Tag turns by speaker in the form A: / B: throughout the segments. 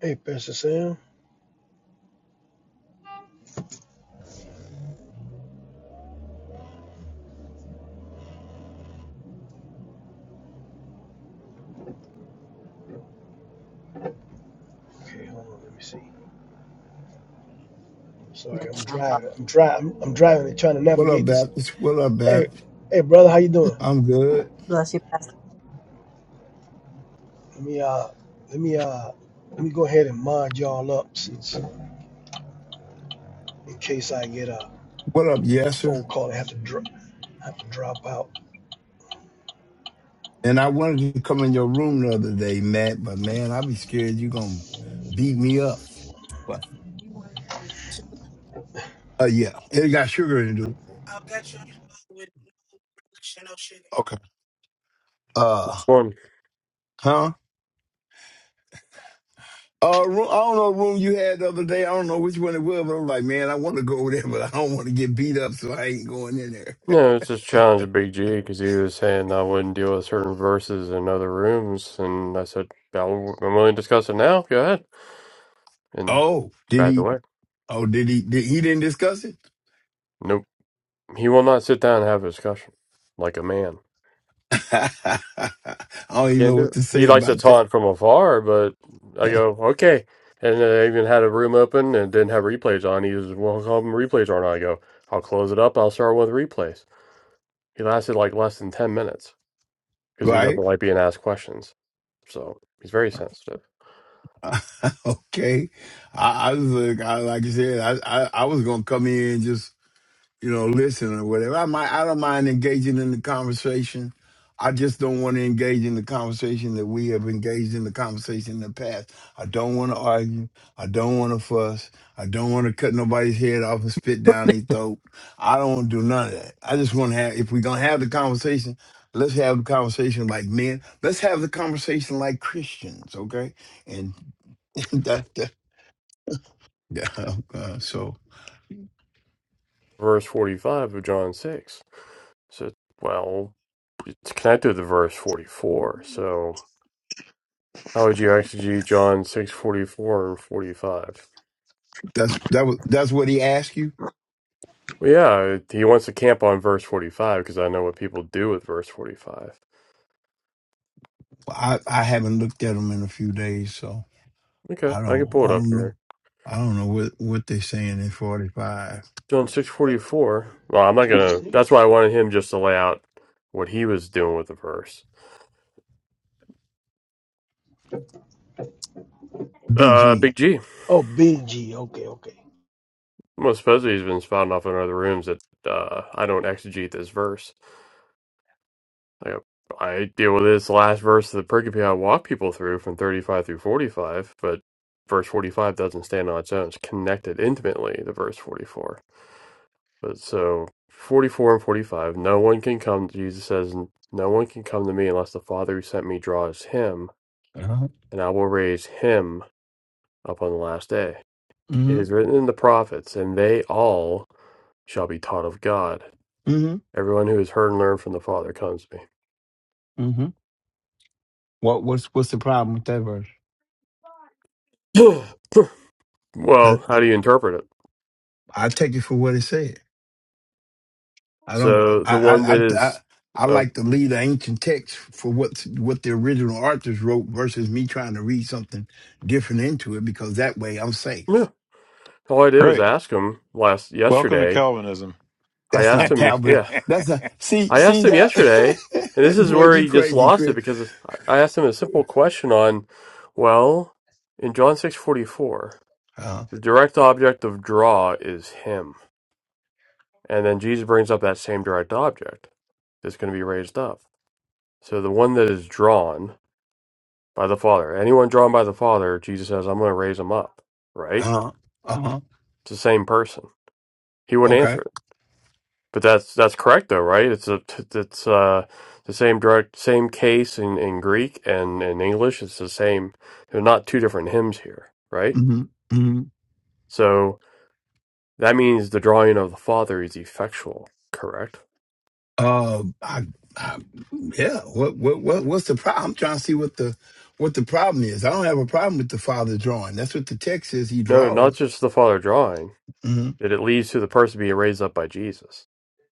A: Hey, Pastor Sam. Okay, hold on. Let me see. I'm Sorry, I'm
B: Minashamba.
A: driving. I'm driving. I'm, I'm driving and trying to
C: What up,
A: navigate this.
C: Baptist? What up,
A: Hey,
C: Baptist?
A: hey, brother, how you doing?
C: I'm good.
B: Bless you, Pastor.
A: Let me uh, let me uh, let me go ahead and mod y'all up since in case I get a
C: What up, Yasser?
A: phone call and have to drop, have to drop out.
C: And I wanted to come in your room the other day, Matt, but man, i be scared you gonna beat me up. But uh yeah. It got sugar in it. Okay. Uh
D: Well,
C: huh? Uh, room, I don't know what room you had the other day. I don't know which one it was, but I'm like, man, I want to go over there, but I don't want to get beat up, so I ain't going in there.
D: no, it's just challenge of Big G because he was saying I wouldn't deal with certain verses in other rooms, and I said "I'll- I'm willing to discuss it now. Go ahead, and
C: Oh, did
D: backed
C: he?
D: away.
C: Oh, did he? Did, he didn't discuss it?
D: Nope, he will not sit down and have a discussion like a man.
C: I
D: He
C: don't even
D: can't
C: know
D: do
C: what
D: it.
C: to say
D: He likes to
C: about
D: taunt
C: that.
D: from afar, but I go okay. And then I even had a room open and didn't have replays on. He says, "Well, how come replays aren't on?" I go, "I'll close it up. I'll start with replays." He lasted like less than ten minutes because he
C: right?
D: doesn't like being asked questions. So he's very sensitive.
C: okay. I, I was like, I, like you said, I, I, I was gonna come in and just you know listen or whatever. I might, I don't mind engaging in the conversation. I just don't want to engage in the conversation that we have engaged in the conversation in the past. I don't want to argue. I don't want to fuss. I don't want to cut nobody's head off and spit down their throat. I don't want to do none of that. I just want to have. If we're gonna have the conversation, let's have the conversation like men. Let's have the conversation like Christians. Okay and that, that, yeah, uh, so
D: Verse 45 of John 6. So, well, it's connected to verse 44. So, how would you exegete John 6 44 and 45?
C: that's that was that's what he asked you.
D: Well, yeah, he wants to camp on verse 45 because I know what people do with verse 45.
C: I I haven't looked at them in a few days, so
D: Okay,
C: I
D: I can
C: don't
D: pull
C: I
D: it up
C: don't know
D: here.
C: I don't know what what they're saying in forty five.
D: John
A: Wait,
D: 644. Well, I'm not
A: John
D: going to. That's
A: six.
D: why I wanted him just to lay out what he was doing with the verse.
C: Big
D: Uh,
C: G.
D: Big G.
A: Oh, BG. Okay, okay.
D: Well, supposedly he's been spouting off in other rooms that uh, I don't exegete this verse. Like, I deal with this last verse of the pericope I walk people through from 35 through 45, but verse 45 doesn't stand on its own. It's connected intimately to verse 44. But so 44 and 45, no one can come, Jesus says, no one can come to me unless the Father who sent me draws him,
C: Uh-huh.
D: and I will raise him up on the last day. It
C: Mm-hmm.
D: is written in the prophets, and they all shall be taught of God.
C: Mm-hmm.
D: Everyone who has heard and learned from the Father comes to
C: Mm-hmm. What what's what's the problem with that verse?
D: me.
C: That
D: well, how do you interpret it?
C: I take it for what it said. I don't.
D: So
C: I
D: the one
C: I
D: that
C: I. I
D: is,
C: I
D: uh,
C: like to leave the ancient text for what what the original authors wrote versus me trying to read something different into it because that way I'm safe.
D: yeah. All I did was
E: Great.
D: ask him last
E: Welcome to
D: yesterday.
E: Calvinism.
D: I
C: That's
D: asked
C: not
D: him,
C: Calvin.
D: yeah,
C: That's a see
D: I asked
C: see
D: him
C: that
D: yesterday, and this is
C: boy.
D: where
C: You
D: he just
C: crazy,
D: lost it
C: Chris?
D: because it's- I I asked him a simple question on, well, in John six forty four,
C: Uh
D: the direct object of draw is him, and then Jesus brings up that same direct object that's going to be raised up. So the one that is drawn by the Father, anyone drawn by the Father, Jesus says, I'm going to raise him up, right?
C: huh. Uh huh.
D: It's the same person. He wouldn't
C: Okay.
D: answer. it. But that's that's correct though, right? It's a t- it's uh the same direct same case in in Greek and in English. It's the same. They're not two different hymns here, right?
C: Mm-hmm. Mm-hmm.
D: So that means the drawing of the Father is effectual, correct?
C: Uh, I, I, yeah. What what what what's the problem? I'm trying to see what the what the problem is. I don't have a problem with the father drawing. That's what the text says. He
D: No, not
C: draws.
D: just the Father drawing.
C: hmm
D: That it leads to the person being raised up by Jesus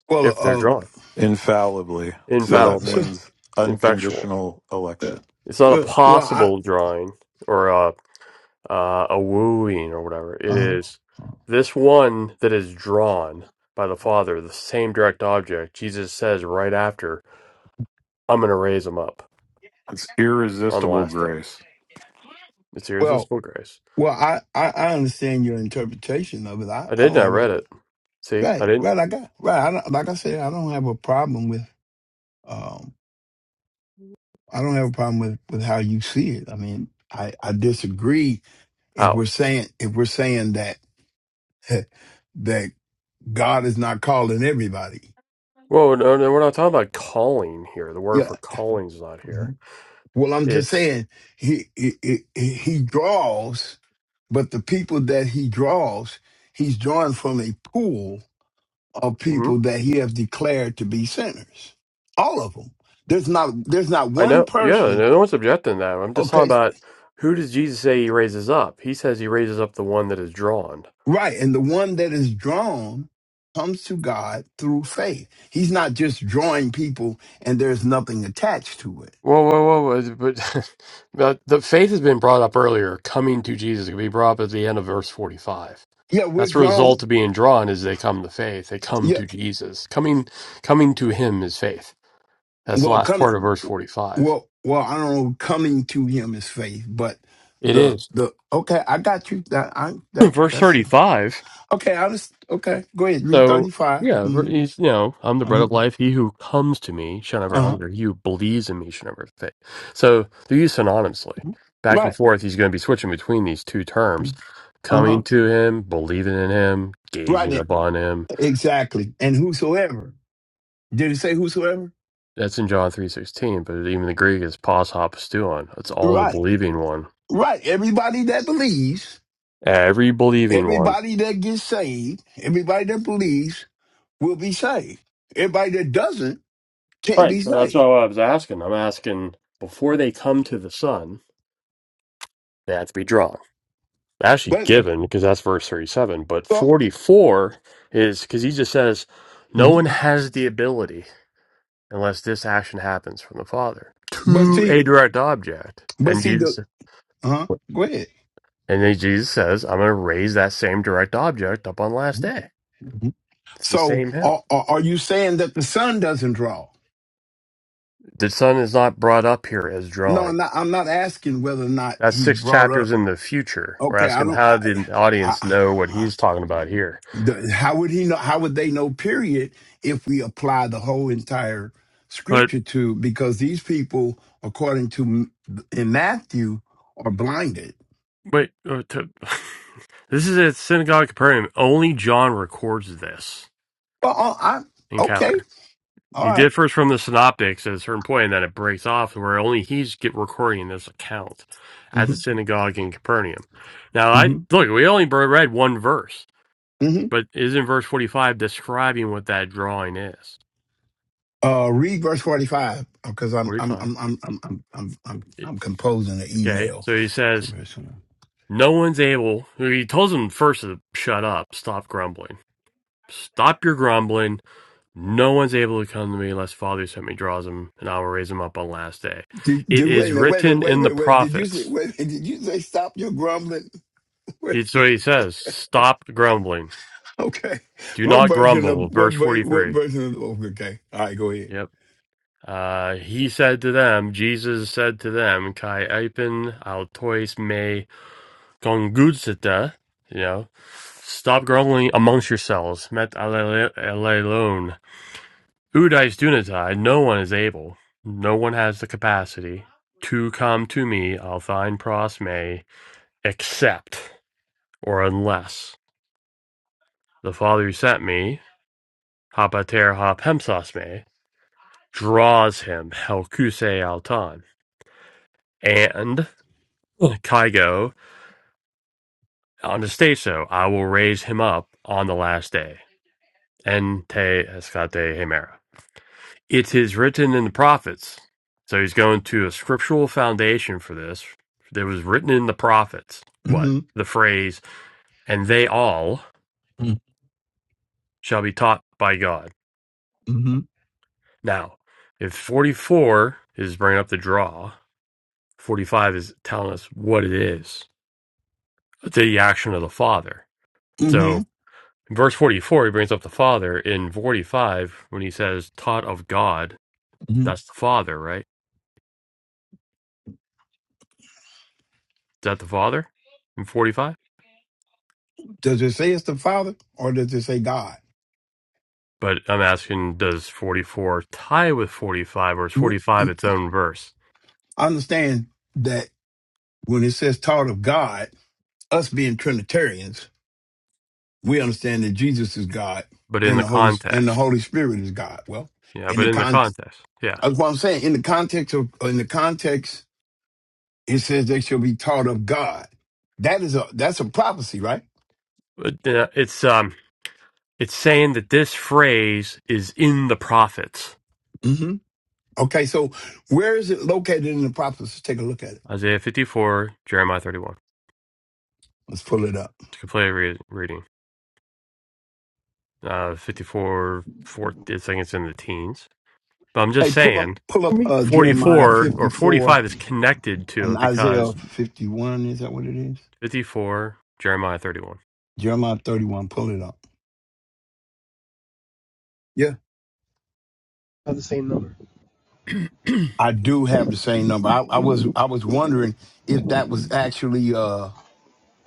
C: Well,
D: if they're
C: uh,
D: drawn
E: Infallibly. So
C: well,
E: that
D: infallibly,
C: so,
E: means
D: effectual.
E: unconditional election.
C: uh,
D: It's not a
C: well, well, I,
D: possible drawing or uh, a wooing or whatever. It
C: uh,
D: is this one that is drawn by the Father, the same direct object. Jesus says right after, I'm going to raise him up
E: It's
D: on the
E: irresistible
D: last day.
E: grace.
D: It's
C: well,
D: irresistible grace.
C: well, I, I, I understand your interpretation of it. I,
D: I
C: I
D: didn't.
C: don't
D: I
C: have a
D: read it. See, I
C: Right,
D: didn't.
C: right. Like I, right. I don't, like I said, I don't have a problem with. Um, I don't have a problem with with how you see it. I mean, I I disagree if
D: How?
C: we're saying if we're saying that that God is not calling everybody.
D: Well, no, no, we're not talking about calling here. The word
C: Yeah.
D: for calling is not here.
C: Well, I'm just
D: It's,
C: saying he he he he draws, but the people that he draws, he's drawing from a pool of
D: mhm.
C: people that he has declared to be sinners. All of them. There's not there's not
D: I
C: one
D: know. Yeah, no
C: person
D: no one's objecting to that. I'm just talking
C: Okay,
D: about who does Jesus say he raises up? He says he raises up the one that is drawn.
C: right. And the one that is drawn comes to God through faith. He's not just drawing people and there's nothing attached to it.
D: Whoa, whoa, whoa! whoa, But but the faith has been brought up earlier. Coming to Jesus it can be brought up at the end of verse forty-five.
C: Yeah, we're
D: That's the result
C: drawn.
D: of being drawn is they come to faith. They come
C: Yeah,
D: to Jesus. Coming, coming to Him is faith. That's the
C: well,
D: last
C: come.
D: part of verse forty-five.
C: Well, well, I don't know. Coming to Him is faith, but
D: It
C: the
D: is
C: the okay, I got you. That I that
D: verse
C: that's
D: thirty-five.
C: okay. I just okay. Go ahead. Read thirty
D: So
C: five.
D: yeah, ver-
C: Mm-hmm.
D: he's you know, I'm the bread
C: Uh-huh.
D: of life. He who comes to me shall never
C: Uh-huh.
D: hunger. He who believes in me shall never faint. So they're used synonymously. Back and
C: Right.
D: forth, he's going to be switching between these two terms:
C: Uh huh.
D: coming to him, believing in him,
C: Right.
D: gazing
C: e-
D: upon him.
C: Exactly. And whosoever did it say whosoever?
D: That's in John three sixteen. But even the Greek is pos hopstuon. It's all the
C: Right.
D: believing one.
C: Right. Everybody that believes,
D: Every believing one.
C: everybody that gets saved, everybody that believes will be saved. Everybody that doesn't can't
D: Right,
C: be
D: but that's
C: saved.
D: not what I was asking. I'm asking before they come to the Son, they have to be drawn. actually
C: But
D: given because that's verse 37 but
C: well,
D: 44 is because he just says no
C: mhm.
D: one has the ability unless this action happens from the father
C: but
D: to
C: see,
D: a direct object
C: but
D: and
C: see the
D: jesus
C: huh? Go ahead.
D: and then jesus says i'm going to raise that same direct object up on the last day
C: Mhm.
D: it's the
C: So
D: same hymn
C: are, are are you saying that the son doesn't draw?
D: the son is not brought up here as
C: No,
D: drawing
C: I'm not. I'm not asking whether or not
D: that's
C: he's
D: six
C: brought up.
D: chapters in the future we're
C: Okay, I
D: asking
C: don't.
D: how
C: I,
D: did the audience know what
C: I,
D: he's talking about here
C: The, how would he know? How would they know? Period. If we apply the whole entire
D: but.
C: scripture to, because these people, according to M- in Matthew, are blinded.
D: Wait, uh, to, this is at Synagogue of Capernaum. Only John records this
C: Well, oh, I okay,
D: encounter. He
C: alright
D: differs from the synoptics at a certain point, and then it breaks off where only he's get recording this account at the
C: Mm-hmm.
D: synagogue in Capernaum. Now, I
C: Mm-hmm.
D: look, we only br- read one verse,
C: Mm-hmm.
D: but isn't verse 45 describing what that drawing is?
C: Uh, read verse forty-five because I'm I'm
D: 45.
C: I'm I'm I'm I'm I'm I'm,
D: It-
C: I'm composing an
D: Okay,
C: email.
D: so he
C: So
D: says,
C: very soon.
D: No one's able, he tells them first to shut up, stop grumbling, stop your grumbling No one's able to come to me unless Father sent me draws him, and I will raise him up on last day.
C: Did,
D: It
C: did, wait
D: is
C: a minute, wait a minute,
D: written
C: wait a
D: in the
C: minute, wait. Did you say
D: prophets.
C: wait? a minute, Did you say stop your grumbling?
D: It's what he says. Stop grumbling.
C: Okay.
D: Do
C: What
D: not
C: version
D: grumble.
C: of what
D: Verse
C: ver- what
D: 43.
C: version of oh, okay. All right, go ahead.
D: Yep. Uh, he said to them, Jesus said to them, Kai Ipen autois me congudsita. You know, stop grumbling amongst yourselves. Met alone. Udice Dunatai, no one is able, no one has the capacity to come to me, Althine Prosme, except or unless the Father who sent me, Hapater Hapemsasme, draws him, Helkuse Altan, and Kaigo Anastaso, I will raise him up on the last day, Ente Escate Hemera. It is written in the prophets. So he's going to a scriptural foundation for this. That was written in the prophets what?
C: hmm
D: The phrase, and they all
C: mm
D: shall be taught by God.
C: hmm
D: Now, if 44 is bringing up the draw, 45 is telling us what it is the action of the Father. So
C: hmm
D: in verse 44, he brings up the Father. In 45, when he says taught of God,
C: hmm
D: that's the Father, right? Is that the Father in 45?
C: Does it say it's the Father or does it say God?
D: But I'm asking, does 44 tie with 45 or is
C: W-
D: 45
C: w-
D: its own verse?
C: I understand that when it says taught of God, us being Trinitarians, we understand that Jesus is God
D: But in
C: and
D: the
C: the Holy and the
D: context.
C: Holy Spirit is God. Well,
D: Yeah,
C: in
D: but
C: the
D: in the
C: con
D: context. Yeah.
C: that's what I'm saying. In the context of uh, in the context, it says they shall be taught of God. That is a that's a prophecy, right?
D: But, uh, It's, um, it's saying that this phrase is in the prophets
C: Okay, so where is it located in the prophets? Let's take a look at it.
D: Isaiah 54, Jeremiah 31.
C: Let's pull it up.
D: It's a complete re- reading. Uh, 54, 4, I think it's in the teens. But I'm just
C: Hey, pull up,
D: saying
C: pull up uh, Jeremiah
D: 44 or
C: fifty-four
D: 45 is connected to
C: and
D: it
C: Isaiah
D: because
C: fifty-one. Is that what it is?
D: 54, Jeremiah 31.
C: Jeremiah thirty-one. Pull it up. Yeah,
A: Not the same number.
C: I do have the same number. I, I was I was wondering if that was actually uh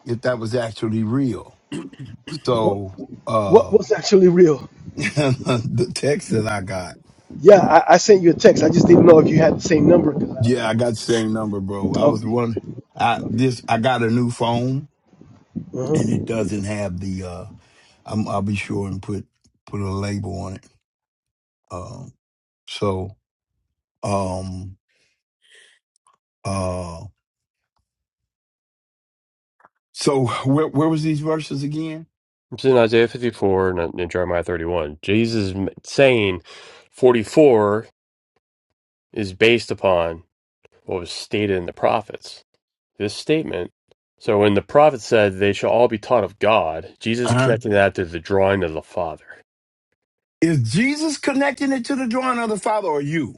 C: if that was actually real.
A: What?
C: So
A: What?
C: uh
A: What's actually real?
C: the text that I got,
A: Yeah, I, I sent you a text. I just didn't know if you had the same number because I, I
C: yeah, I
A: don't.
C: got the same number, bro. I was
A: Okay.
C: wondering. I
A: Okay.
C: this I got a new phone
A: Uh
C: and
A: huh.
C: it doesn't have the uh I'm, I'll be sure and put put a label on it. Um, so, um, uh, so where where was these verses again?
D: It's in Isaiah 54 and in Jeremiah 31. Jesus m- saying 44 is based upon what was stated in the prophets. This statement. So when the prophet said they shall all be taught of God, Jesus
C: Uh-huh.
D: connecting that to the drawing of the Father.
C: Is Jesus connecting it to the drawing of the Father, or you?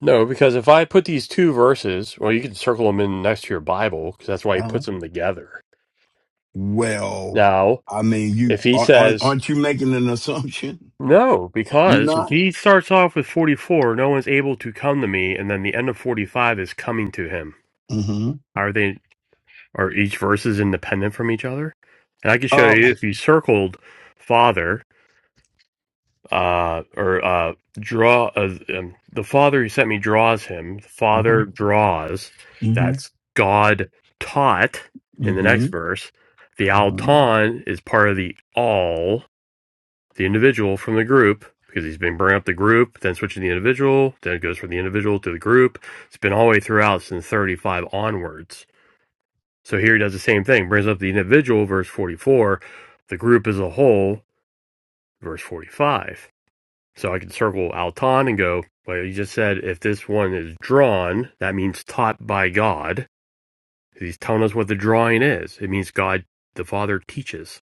D: No, because if I put these two verses, well, you can circle them in next to your Bible because that's why he
C: Uh-huh.
D: puts them together.
C: Well,
D: Now,
C: I mean, you
D: if he
C: aren't aren't
D: says
C: aren't you making an assumption?
D: No,
C: You're
D: because if
C: not.
D: he starts off with 44, no one's able to come to me, and then the end of 45 is coming to him.
C: Mm-hmm.
D: Are they, are each verses independent from each other? And I can show
C: Uh,
D: you if you circled Father, uh, or, uh, draw, uh, um, the Father who sent me draws him, the
C: uh-huh.
D: Father draws,
C: Mm-hmm.
D: that's God taught in the
C: Mm-hmm.
D: next verse. The
C: Mm-hmm.
D: Alton is part of the all, the individual from the group because he's been bringing up the group, then switching the individual, then it goes from the individual to the group. It's been all the way throughout since 35 onwards. So here he does the same thing, brings up the individual, verse 44, the group as a whole, verse 45. So I can circle Altan and go, well, you just said if this one is drawn, that means taught by God. He's telling us what the drawing is. It means God the Father teaches.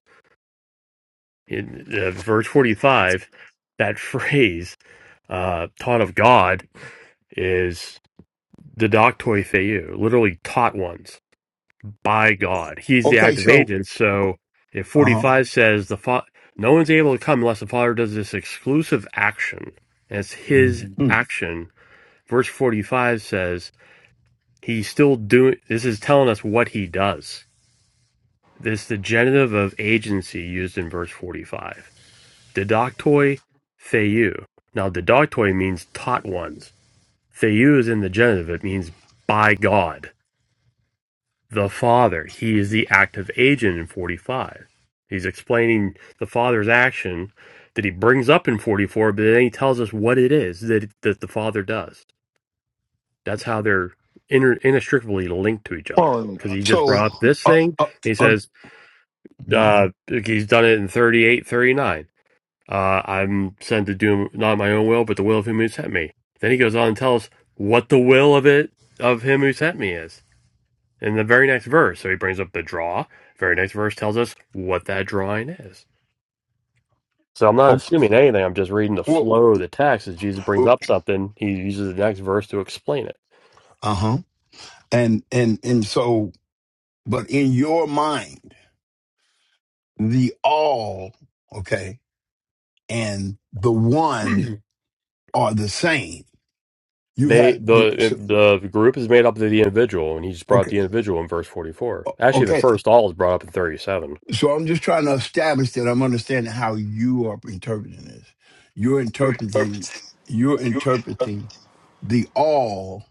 D: In uh, verse 45, that phrase uh, taught of God is didactoi theou, literally taught ones by God. He's the
C: Okay,
D: active
C: so
D: agent. So if
C: uh-huh.
D: 45 says the fa- no one's able to come unless the Father does this exclusive action, and it's his
C: mm
D: action. Verse 45 says he's still doing, this is telling us what he does. This the genitive of agency used in verse 45. Didactoi theou. Now, didactoi means taught ones Theus in the genitive, it means by God, the Father. He is the active agent in 45. He's explaining the Father's action that he brings up in 44, but then he tells us what it is that, that the Father does. That's how they're inter- inextricably linked to each other.
E: Well,
D: Because he just
C: So
D: brought up this
C: uh
D: thing, and
C: uh
D: he
C: uh
D: says
C: mhm.
D: uh, he's done it in 38, 39. Uh, I'm sent to do not my own will, but the will of him who sent me. Then he goes on and tells what the will of it of him who sent me is in the very next verse. So he brings up the draw. Very next verse tells us what that drawing is. So I'm not
C: okay,
D: assuming anything. I'm just reading the
C: well
D: flow of the text. As Jesus brings up
C: uh
D: something, he uses the next verse to explain it.
C: huh and and and so but in your mind the all okay and the one are the same you have
D: They
C: the
D: the
C: so,
D: the group is made up of the individual, and he just brought up
C: okay
D: the individual in verse 44. Actually, the
C: okay
D: first all is brought up in 37.
C: so i'm just trying to establish that i'm understanding how you are interpreting this you're
E: and,
C: interpreting you're interpreting the all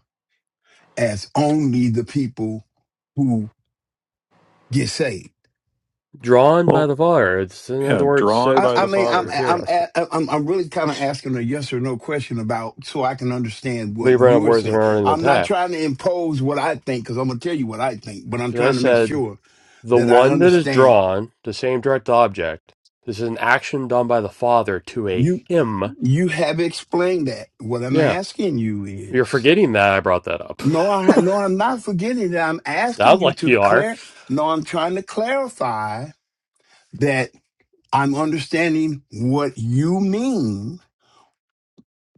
C: as only the people who get saved
D: Drawn by
E: well,
D: the Father. It's in other
E: yeah,
D: words,
E: drawn
D: so
C: I,
E: by
C: I
E: the
C: mean, I'm
E: Father.
C: I'm
D: soteros.
C: a- I'm I'm really kind of asking a yes or no question about so I can understand
D: They
C: what
D: bring up
C: you are
D: words that
C: saying.
D: aren't in the
C: I'm not
D: text.
C: trying to impose what I think because I'm gonna tell you what I think, but I'm
D: Because
C: trying
D: I
C: to make
D: said
C: sure
D: The
C: that I
D: one that is
C: understand.
D: drawn, the same direct object. This is an action done by the father to a
C: You
D: him.
C: you have explained that. What I'm
D: Yeah.
C: asking you
D: You're
C: is
D: forgetting that I brought that up.
C: no, I ha- no, I'm not forgetting that. I'm asking
D: Sounds
C: you
D: like
C: to
D: you are.
C: clear. No, I'm trying to clarify that I'm understanding what you mean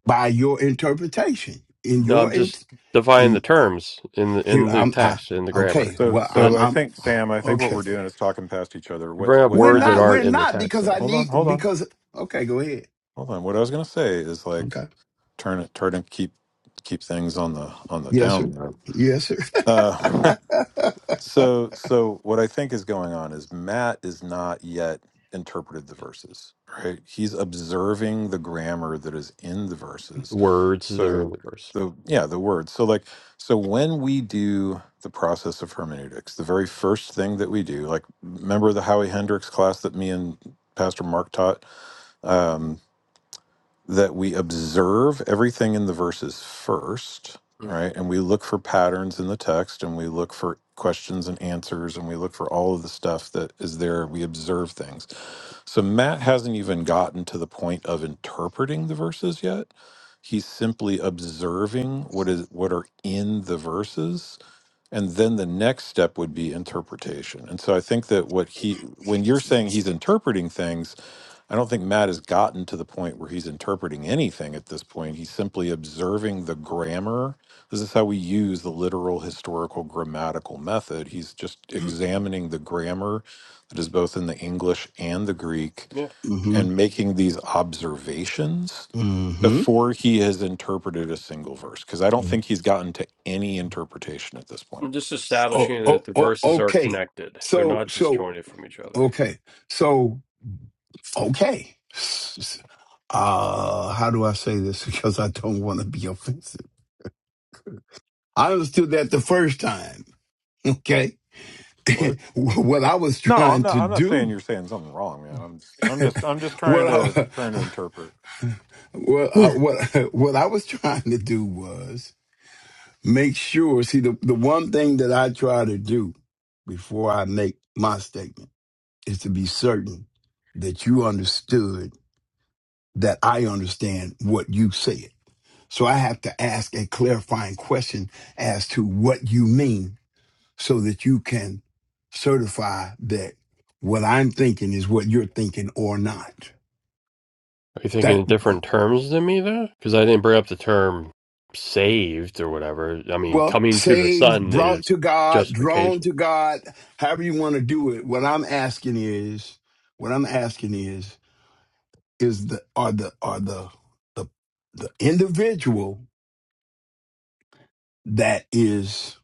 C: by your interpretation in
D: No, I'm
C: your in,
D: just defining
C: in
D: the terms in the,
C: Here
D: in the
C: I'm I,
D: text, in the grammar.
C: okay.
E: So,
C: Well,
D: But
E: so
C: I'm
E: I
C: I'm
E: think Sam, I think what
C: okay.
E: we're doing is talking past each other.
D: you
E: What,
D: bring up
E: what
C: We're
D: words
E: Matt
D: that
C: not
D: aren't
C: we're
E: is?
D: in the
C: not
D: text,
C: because I
D: uh,
E: Hold
C: need
E: on, hold on,
C: because okay, go ahead.
E: hold on. What I was going to say is like
C: Okay.
E: turn it, turn and keep, keep things on the on the
C: Yes,
E: down
C: sir.
E: low.
C: Yes, sir.
E: Uh, So, so what I think is going on is Matt is not yet interpreted the verses, right? He's observing the grammar that is in the verses.
D: words that are in
E: So,
D: the verse.
E: the yeah, the words. So, like, so when we do the process of hermeneutics, the very first thing that we do, like, remember the Howie Hendricks class that me and Pastor Mark taught? Um, that we observe everything in the verses first,
D: Mm.
E: right? And we look for patterns in the text and we look for questions and answers and we look for all of the stuff that is there. We observe things. So Matt hasn't even gotten to the point of interpreting the verses yet. He's simply observing what is what are in the verses and then the next step would be interpretation. And so I think that what he when you're saying he's interpreting things I don't think Matt has gotten to the point where he's interpreting anything at this point. He's simply observing the grammar. This is how we use the literal historical grammatical method. He's just examining the grammar that is both in the English and the Greek
D: Yeah.
C: Mm-hmm.
E: and making these observations
C: Mm-hmm.
E: before he has interpreted a single verse because I don't
C: Mm-hmm.
E: think he's gotten to any interpretation at this point.
D: I'm just
C: Oh,
D: establishing
C: oh,
D: that the
C: oh,
D: verses are
C: okay.
D: connected. They're
C: So,
D: not
C: so,
D: disjointed from each other.
C: okay. So, okay. S- s- Uh, how do I say this? Because I don't want to be offensive. I understood that the first time. Okay.
D: What?
C: what I was
E: No, I'm
C: trying
E: not
C: to
E: I'm not saying
C: do,
E: you're saying something wrong, man. I'm I'm just I'm just trying
C: what
E: to
C: I.
E: trying to interpret.
C: Well, I, what what I was trying to do was make sure. See, the the one thing that I try to do before I make my statement is to be certain that you understood that I understand what you said. So I have to ask a clarifying question as to what you mean, so that you can certify that what I'm thinking is what you're thinking or not.
D: Are you thinking in different terms than me, though? Because I didn't bring up the term saved or whatever. I mean,
C: Well,
D: coming to the
C: saved,
D: Son
C: brought
D: is
C: to God, drawn
D: justification.
C: to God, however you want to do it. What I'm asking is, what I'm asking is, is the are the are the the the individual that is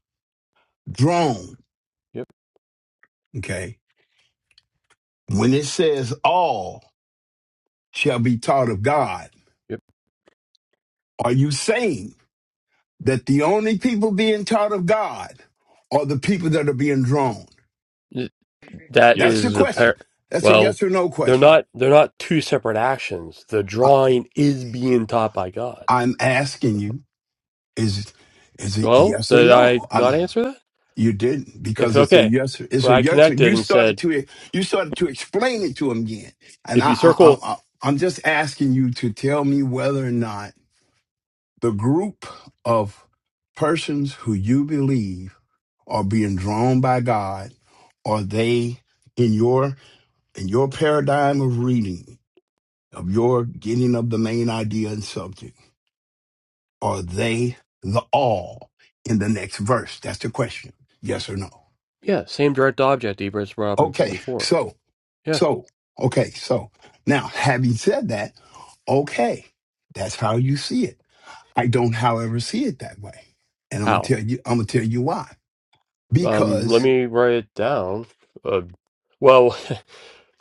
C: drawn,
D: Yep,
C: okay? When it says all shall be taught of God,
D: yep.
C: are you saying that the only people being taught of God are the people that are being drawn?
D: Th- That
C: That's
E: Yes.
C: the
D: is the
C: question.
D: par.
C: That's a
D: Well,
C: yes or no
D: they're
C: question.
D: not. They're not two separate actions. The
C: I,
D: drawing is being taught by God.
C: I'm asking you is is it
D: Well,
C: yes or
D: did I
C: no?
D: not
C: Um,
D: answer that?
C: you did not
D: If
C: because it's a
D: okay,
C: yes. It's
D: well,
C: a
D: I
C: yes.
D: connected
C: You
D: and
C: started
D: said,
C: to you started to explain it to him again, and
D: if
C: I,
D: you
C: I, I,
D: circle,
C: I I'm just asking you to tell me whether or not the group of persons who you believe are being drawn by God are they in your in your paradigm of reading of your getting of the main idea and subject Are they the all in the next verse? That's the question. Yes or no?
D: yeah, same direct object. Ebers brought up in
C: Okay.
D: forty-four.
C: So,
D: Yeah,
C: so, okay. So now, having said that, okay, that's how you see it. I don't, however, see it that way. And I'm going
D: how?
C: to tell you, I'm going to tell you why.
D: Um, let
C: Because
D: me write it down. Uh, well,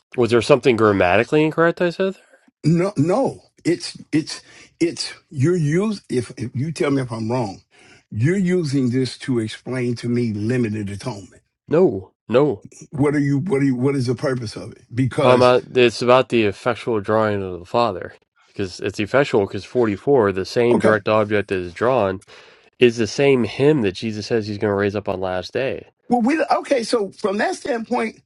D: was there something grammatically incorrect I said there?
C: no, no, it's, it's, it's, you're use if, if you tell me if I'm wrong, you're using this to explain to me limited atonement.
D: No, no.
C: What are you, what are you, what is the purpose of it?
D: Talking
C: Because,
D: about it's about the effectual drawing of the Father because it's effectual because forty four, the same
C: okay.
D: direct object that is drawn is the same Him that Jesus says he's going to raise up on last day.
C: Well, we okay. So from that standpoint,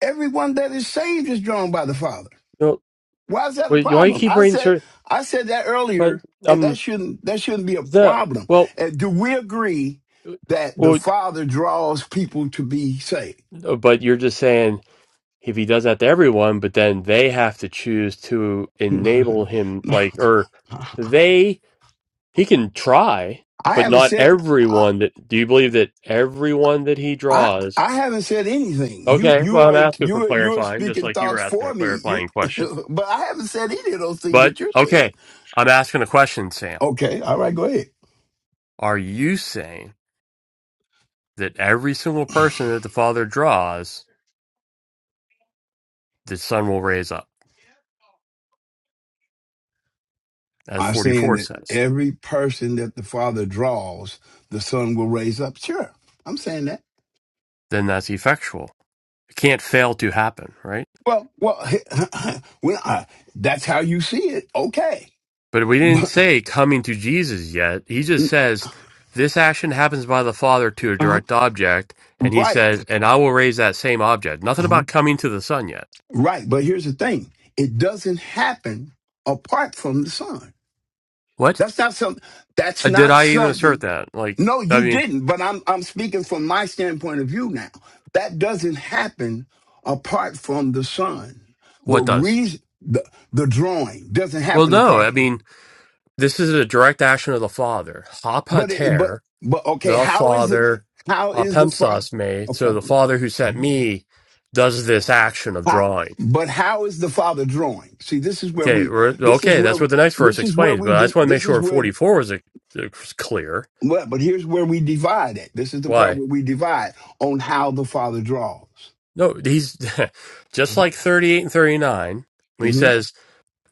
C: everyone that is saved is drawn by the Father.
D: No,
C: Why is that a
D: wait, why you
C: problem?
D: keep
C: I
D: reading?
C: said
D: Certain,
C: I said that
D: but
C: earlier, and that
D: um,
C: shouldn't that shouldn't be a
D: the
C: problem.
D: well,
C: And do we agree
D: uh,
C: that the
D: well,
C: Father draws people to be saved?
D: uh, but you're just saying. if he does that to everyone, but then they have to choose to enable him, like, or they, he can try,
C: I
D: but
C: haven't
D: not
C: said I,
D: everyone that, do you believe that everyone that he
C: I
D: draws?
C: I haven't said anything. You
D: Okay,
C: you
D: well, I'm
C: are
D: asking for
C: you are, you are
D: clarifying, just
C: speaking
D: like you were
C: thoughts
D: asking
C: for
D: a
C: me. You,
D: clarifying question.
C: but I haven't said any of those things
D: But,
C: that you're saying.
D: okay, I'm asking a question, Sam.
C: Okay, all right, go ahead.
D: Are you saying that every single person that the Father draws, the Son will raise up, as
C: I'm saying
D: 44
C: that
D: says?
C: every person that the Father draws, the Son will raise up. Sure, I'm saying that.
D: Then that's effectual. It can't fail to happen, right?
C: Well, well, when I, that's how you see it. Okay,
D: But we didn't
C: but
D: say coming to Jesus yet. He just says this action happens by the Father to a
C: uh
D: direct object, and he
C: right,
D: says, "And I will raise that same object." Nothing
C: uh
D: about coming to the Son yet.
C: right. But here's the thing: it doesn't happen apart from the Son.
D: What
C: That's not something. That's
D: Uh, did
C: not
D: I even assert
C: something
D: that? Like,
C: No,
D: I
C: you
D: mean,
C: didn't. But I'm I'm speaking from my standpoint of view now. That doesn't happen apart from the sun. The
D: what does?
C: reason the, the drawing doesn't
D: Well,
C: happen
D: no.
C: apart
D: I
C: from.
D: mean, this is a direct action of the Father.
C: But it, but
D: Hapater,
C: but okay,
D: the
C: how is the
D: Father,
C: how is the father?
D: apemsos me.
C: Okay,
D: So the Father who sent
C: Mhm.
D: me does this action of
C: how,
D: drawing.
C: but how is the father drawing? See, this is where
D: Okay,
C: we
D: we're-
C: this is
D: okay, that's
C: where
D: what the next verse
C: this is where
D: explains.
C: we
D: But I just
C: de-
D: want to make
C: this is
D: sure
C: where
D: 44 was, uh, was clear.
C: well, but here's where we divide it. This is the part
D: Why?
C: where we divide on how the father draws.
D: No, he's just like 38 and 39 when he
C: hmm
D: says,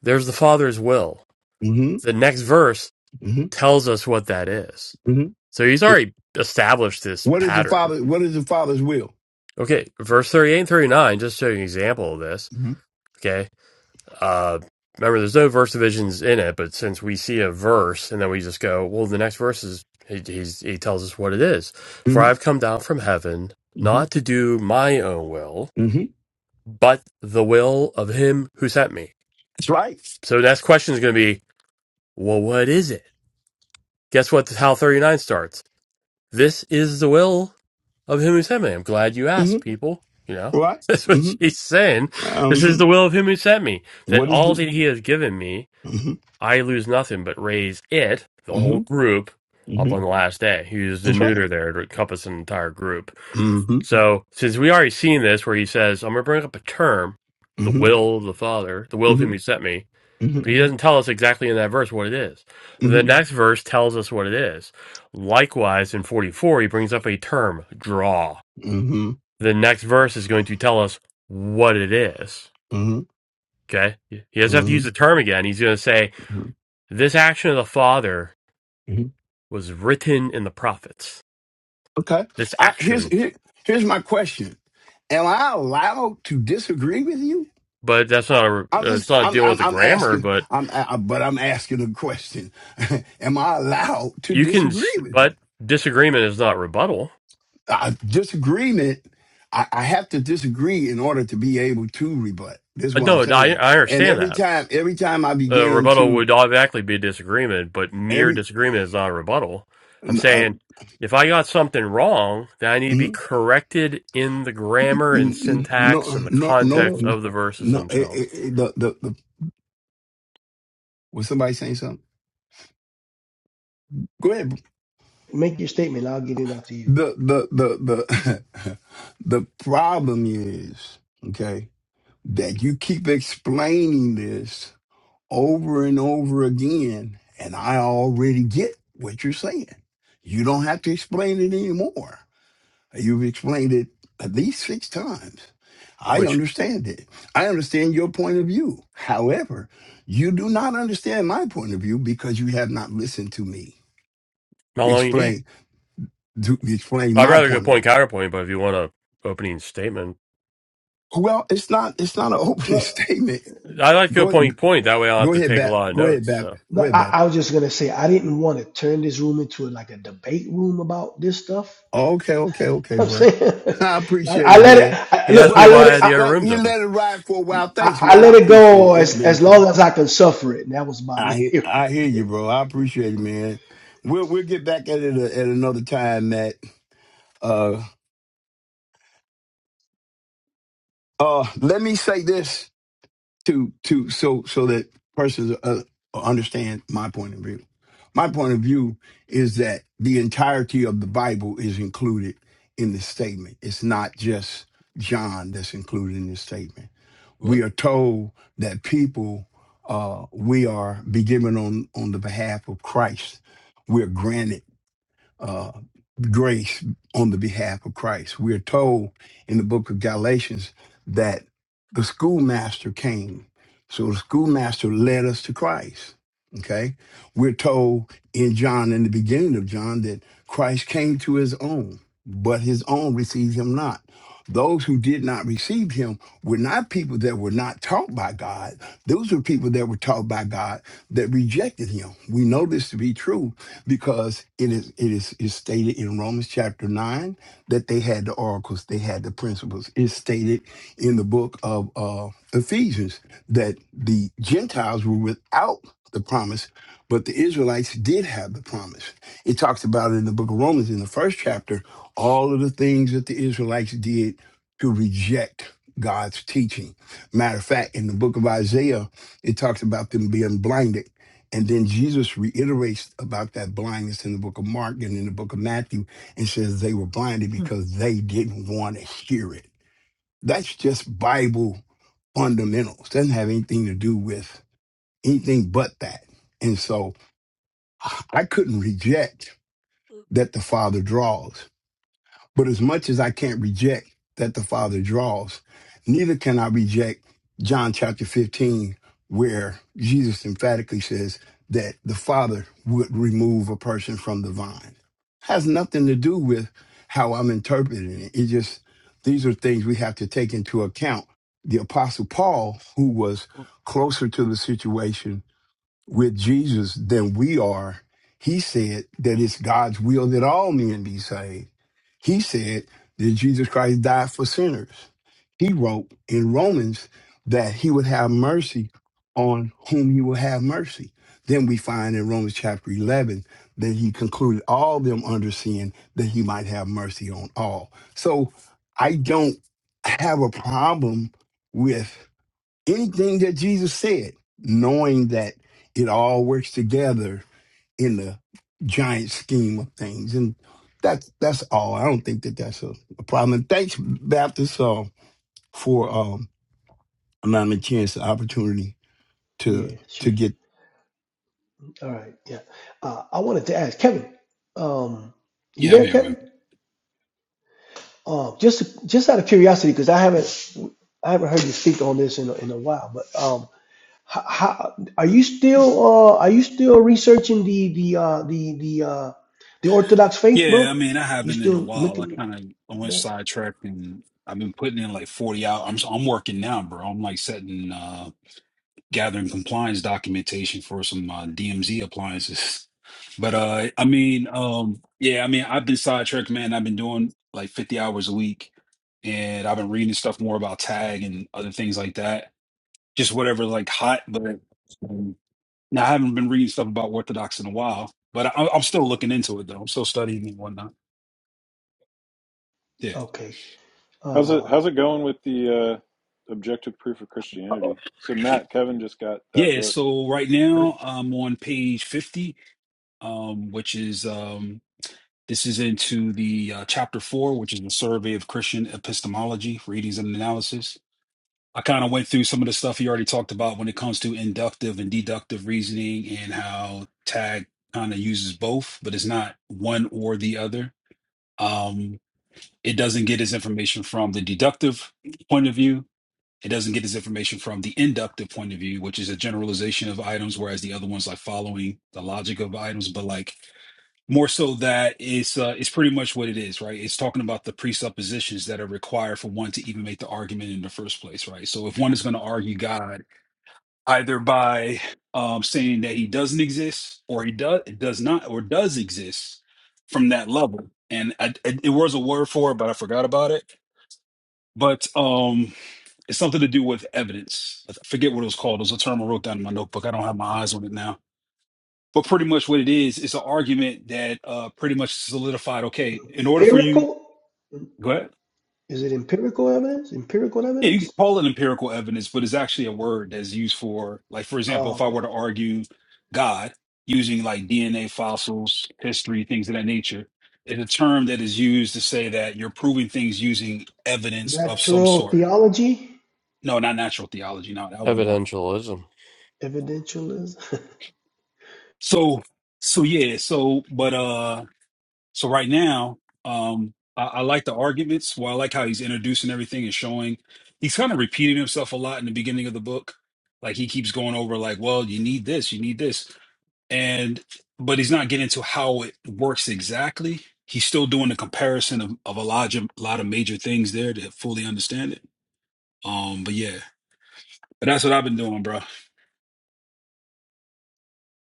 D: "There's the Father's will."
C: hmm
D: The next verse
C: hmm
D: tells us what that is.
C: hmm
D: So he's already established this
C: What is the
D: pattern.
C: father? What is the father's will?
D: Okay, verse 38 and 39, just to show you an example of this.
C: hmm
D: Okay. Uh, remember, there's no verse divisions in it, but since we see a verse and then we just go, well, the next verse is he, he's, he tells us what it is. For
C: hmm
D: I've come down from heaven
C: hmm
D: not to do my own will,
C: hmm
D: but the will of him who sent me.
C: That's right.
D: So the next question is going to be, well, what is it? Guess what? How 39 starts. This is the will of him who sent me. I'm glad you
C: hmm
D: asked, people. You know,
C: Right.
D: that's what
C: hmm
D: she's saying. This is
C: Um,
D: the will of him who sent me, that
C: what is
D: all
C: the?
D: that he has given me
C: hmm
D: I lose nothing but raise it, the whole
C: hmm
D: group, up
C: hmm
D: on the last day. He used the
C: That's right.
D: neuter there to encompass an entire group.
C: hmm hmm
D: So since we already seen this where he says, I'm gonna bring up a term, the
C: hmm
D: will of the Father, the will of him
C: hmm
D: who sent me,
C: hmm
D: but he doesn't tell us exactly in that verse what it is. The next verse tells us what it is. Likewise in forty four he brings up a term, draw.
C: hmm
D: The next verse is going to tell us what it is.
C: hmm
D: Okay? He doesn't have to
C: hmm
D: use the term again. He's gonna say, This action of the Father
C: hmm
D: was written in the prophets.
C: Okay.
D: This
C: I, here's
D: action,
C: here, here's my question. Am I allowed to disagree with you?
D: but that's not a,
C: I'm
D: it's
C: just
D: not
C: I'm
D: dealing with
C: I'm
D: the
C: I'm
D: grammar.
C: asking
D: But
C: I'm I, but I'm asking a question. Am I allowed to
D: you can, s-
C: disagree with you?
D: but disagreement is not rebuttal.
C: Uh, disagreement. I, I have to disagree in order to be able to rebut. This is
D: Uh,
C: what I'm
D: No, I,
C: saying.
D: I
C: And
D: understand
C: every
D: that.
C: time, every time I
D: Uh,
C: began
D: rebuttal
C: to
D: would automatically be disagreement, but mere
C: every
D: disagreement is not a rebuttal. I'm
C: uh,
D: saying if I got something wrong, then I need to be
C: mm,
D: corrected in the grammar and
C: mm, no
D: syntax and the
C: no no
D: context
A: So.
C: no,
D: of the verses
C: no eh, eh,
D: themselves,
C: eh, the, the the was somebody saying something? Go ahead.
A: Make your statement. I'll get it after you.
C: The the the the the problem is okay. that you keep explaining this over and over again, and I already get what you're saying. You don't have to explain it anymore. You've explained it at least six times. I
D: which
C: understand it. I understand your point of view. However, you do not understand my point of view because you have not listened to me
D: not all you need.
C: explain to explain
D: I'd
C: my
D: rather go
C: point of
D: point
C: view.
D: counterpoint, but if you want a opening statement,
C: Well, it's not it's not an opening
A: Well,
C: statement.
D: I like to
C: Go
D: appoint point. point. That way I'll have
C: go
D: to
C: ahead,
D: take a
C: Bap.
D: lot of
C: Go ahead,
D: notes.
C: Bap.
D: So
C: Go
A: no,
C: ahead, Bap.
A: I, I was just gonna say I didn't want to turn this room into a, like a debate room about this stuff.
C: Okay, okay, okay,
A: You know what
C: bro.
A: I'm saying,
C: I
A: I,
C: appreciate
A: I
C: it,
A: let
C: man.
A: it I,
D: he
A: look.
D: asked
C: Well,
D: me
A: I let
D: why I
A: it.
D: had
C: thanks.
D: the
A: I,
D: other
C: Thank
D: rooms
C: you.
D: open.
C: Let it ride for a while.
A: I,
C: Thanks,
A: I
C: man. I
A: let it
C: appreciate it.
A: go
C: It's
A: as
C: been
A: as
C: cool.
A: long as I can suffer it. And that was about
C: I hear,
A: it. Right?
C: I hear you, bro. I appreciate it, man. We'll we'll get back at it uh, at another time, Matt. Uh, uh, let me say this to to so so that persons uh, understand my point of view. My point of view is that the entirety of the Bible is included in this statement. It's not just John that's included in this statement we
D: What?
C: are told that people uh, we are be given on on the behalf of Christ. We're granted uh, grace on the behalf of Christ. We're told in the book of Galatians that the schoolmaster came. So the schoolmaster led us to Christ. Okay. We're told in John, in the beginning of John, that Christ came to his own, but his own received him not. Those who did not receive him were not people that were not taught by God. Those were people that were taught by God that rejected him. We know this to be true because it is it is is stated in Romans chapter nine that they had the oracles, they had the principles. It's stated in the book of uh, Ephesians that the Gentiles were without the promise, but the Israelites did have the promise. It talks about it in the book of Romans in the first chapter, all of the things that the Israelites did to reject God's teaching. Matter of fact, in the book of Isaiah, it talks about them being blinded and then Jesus reiterates about that blindness in the book of Mark and in the book of Matthew and says they were blinded because they didn't want to hear it. That's just Bible fundamentals. Doesn't have anything to do with anything but that. And so I couldn't reject that the Father draws. But as much as I can't reject that the Father draws, neither can I reject John chapter 15, where Jesus emphatically says that the Father would remove a person from the vine. Has nothing to do with how I'm interpreting it. It just, these are things we have to take into account. The Apostle Paul, who was closer to the situation, with Jesus than we are. He said that it's God's will that all men be saved. He said that Jesus Christ died for sinners. He wrote in Romans that he would have mercy on whom he will have mercy. Then we find in Romans chapter 11 that he concluded all them under sin that he might have mercy on all. So I don't have a problem with anything that Jesus said, knowing that it all works together in the giant scheme of things. And that's that's all. I don't think that that's a, a problem. And thanks, Baptist, uh, for um, allowing me a chance, the opportunity to
A: yeah, sure.
C: to get.
A: All right. Yeah. Uh, I wanted to ask Kevin. Um, you
F: Yeah, I'm
A: there,
F: here,
A: Kevin?
F: man.
A: Um, just just out of curiosity, because I haven't I haven't heard you speak on this in a, in a while. But um, How, how are you still uh are you still researching the the uh the the uh the Orthodox faith,
F: Yeah, I
A: bro?
F: mean, I
A: You
F: haven't in a
A: still
F: while. I
A: looking
F: kind of I
A: at
F: went
A: that?
F: sidetracked and I've been putting in like 40 hours. I'm s- I'm working now, bro. I'm like setting uh gathering compliance documentation for some uh, DMZ appliances. But uh I mean, um yeah, I mean, I've been sidetracked, man. I've been doing like 50 hours a week and I've been reading stuff more about tag and other things like that. Just whatever like hot, but um, Now, I haven't been reading stuff about Orthodox in a while, but I, I'm still looking into it though. I'm still studying and whatnot. Yeah.
A: Okay.
E: How's it
A: Uh
E: how's it going with the uh, objective proof of
F: Oh,
E: Christianity? So Matt, Kevin just got that
F: Yeah,
E: book.
F: so right now I'm on page 50, um, which is um, this is into the uh, chapter four, which is the survey of Christian epistemology, readings and analysis. I kind of went through some of the stuff he already talked about when it comes to inductive and deductive reasoning and how Tag kind of uses both, but it's not one or the other. Um, It doesn't get its information from the deductive point of view. It doesn't get its information from the inductive point of view, which is a generalization of items, whereas the other one's like following the logic of items, but like more so that it's uh, it's pretty much what it is, right? It's talking about the presuppositions that are required for one to even make the argument in the first place, right? So if one is going to argue God either by um, saying that he doesn't exist, or he does does not, or does exist from that level, and I, it, it was a word for it, but I forgot about it but um, it's something to do with evidence. I forget what it was called. It was a term I wrote down in my notebook. I don't have my eyes on it now. But pretty much what it is, it's an argument that uh, pretty much solidified. Okay, in order for you,
A: empirical?
F: go ahead.
A: Is it empirical evidence? Empirical
F: Yeah, you can
A: evidence?
F: call it empirical evidence, but it's actually a word that's used for, like, for example, if
A: Oh,
F: I were
A: okay.
F: to argue God using like DNA fossils, history, things of that nature, it's a term that is used to say that you're proving things using evidence of some
A: Natural
F: sort.
A: theology?
F: No, not natural theology. No, that would be more.
D: Evidentialism.
A: Evidentialism?
F: So so yeah, so but uh so right now, um I, I like the arguments. Well, I like how he's introducing everything and showing he's kind of repeating himself a lot in the beginning of the book. Like he keeps going over like, well, you need this, you need this. And but he's not getting to how it works exactly. He's still doing the comparison of, of a lot of lot of major things there to fully understand it. Um, but yeah. But that's what I've been doing, bro.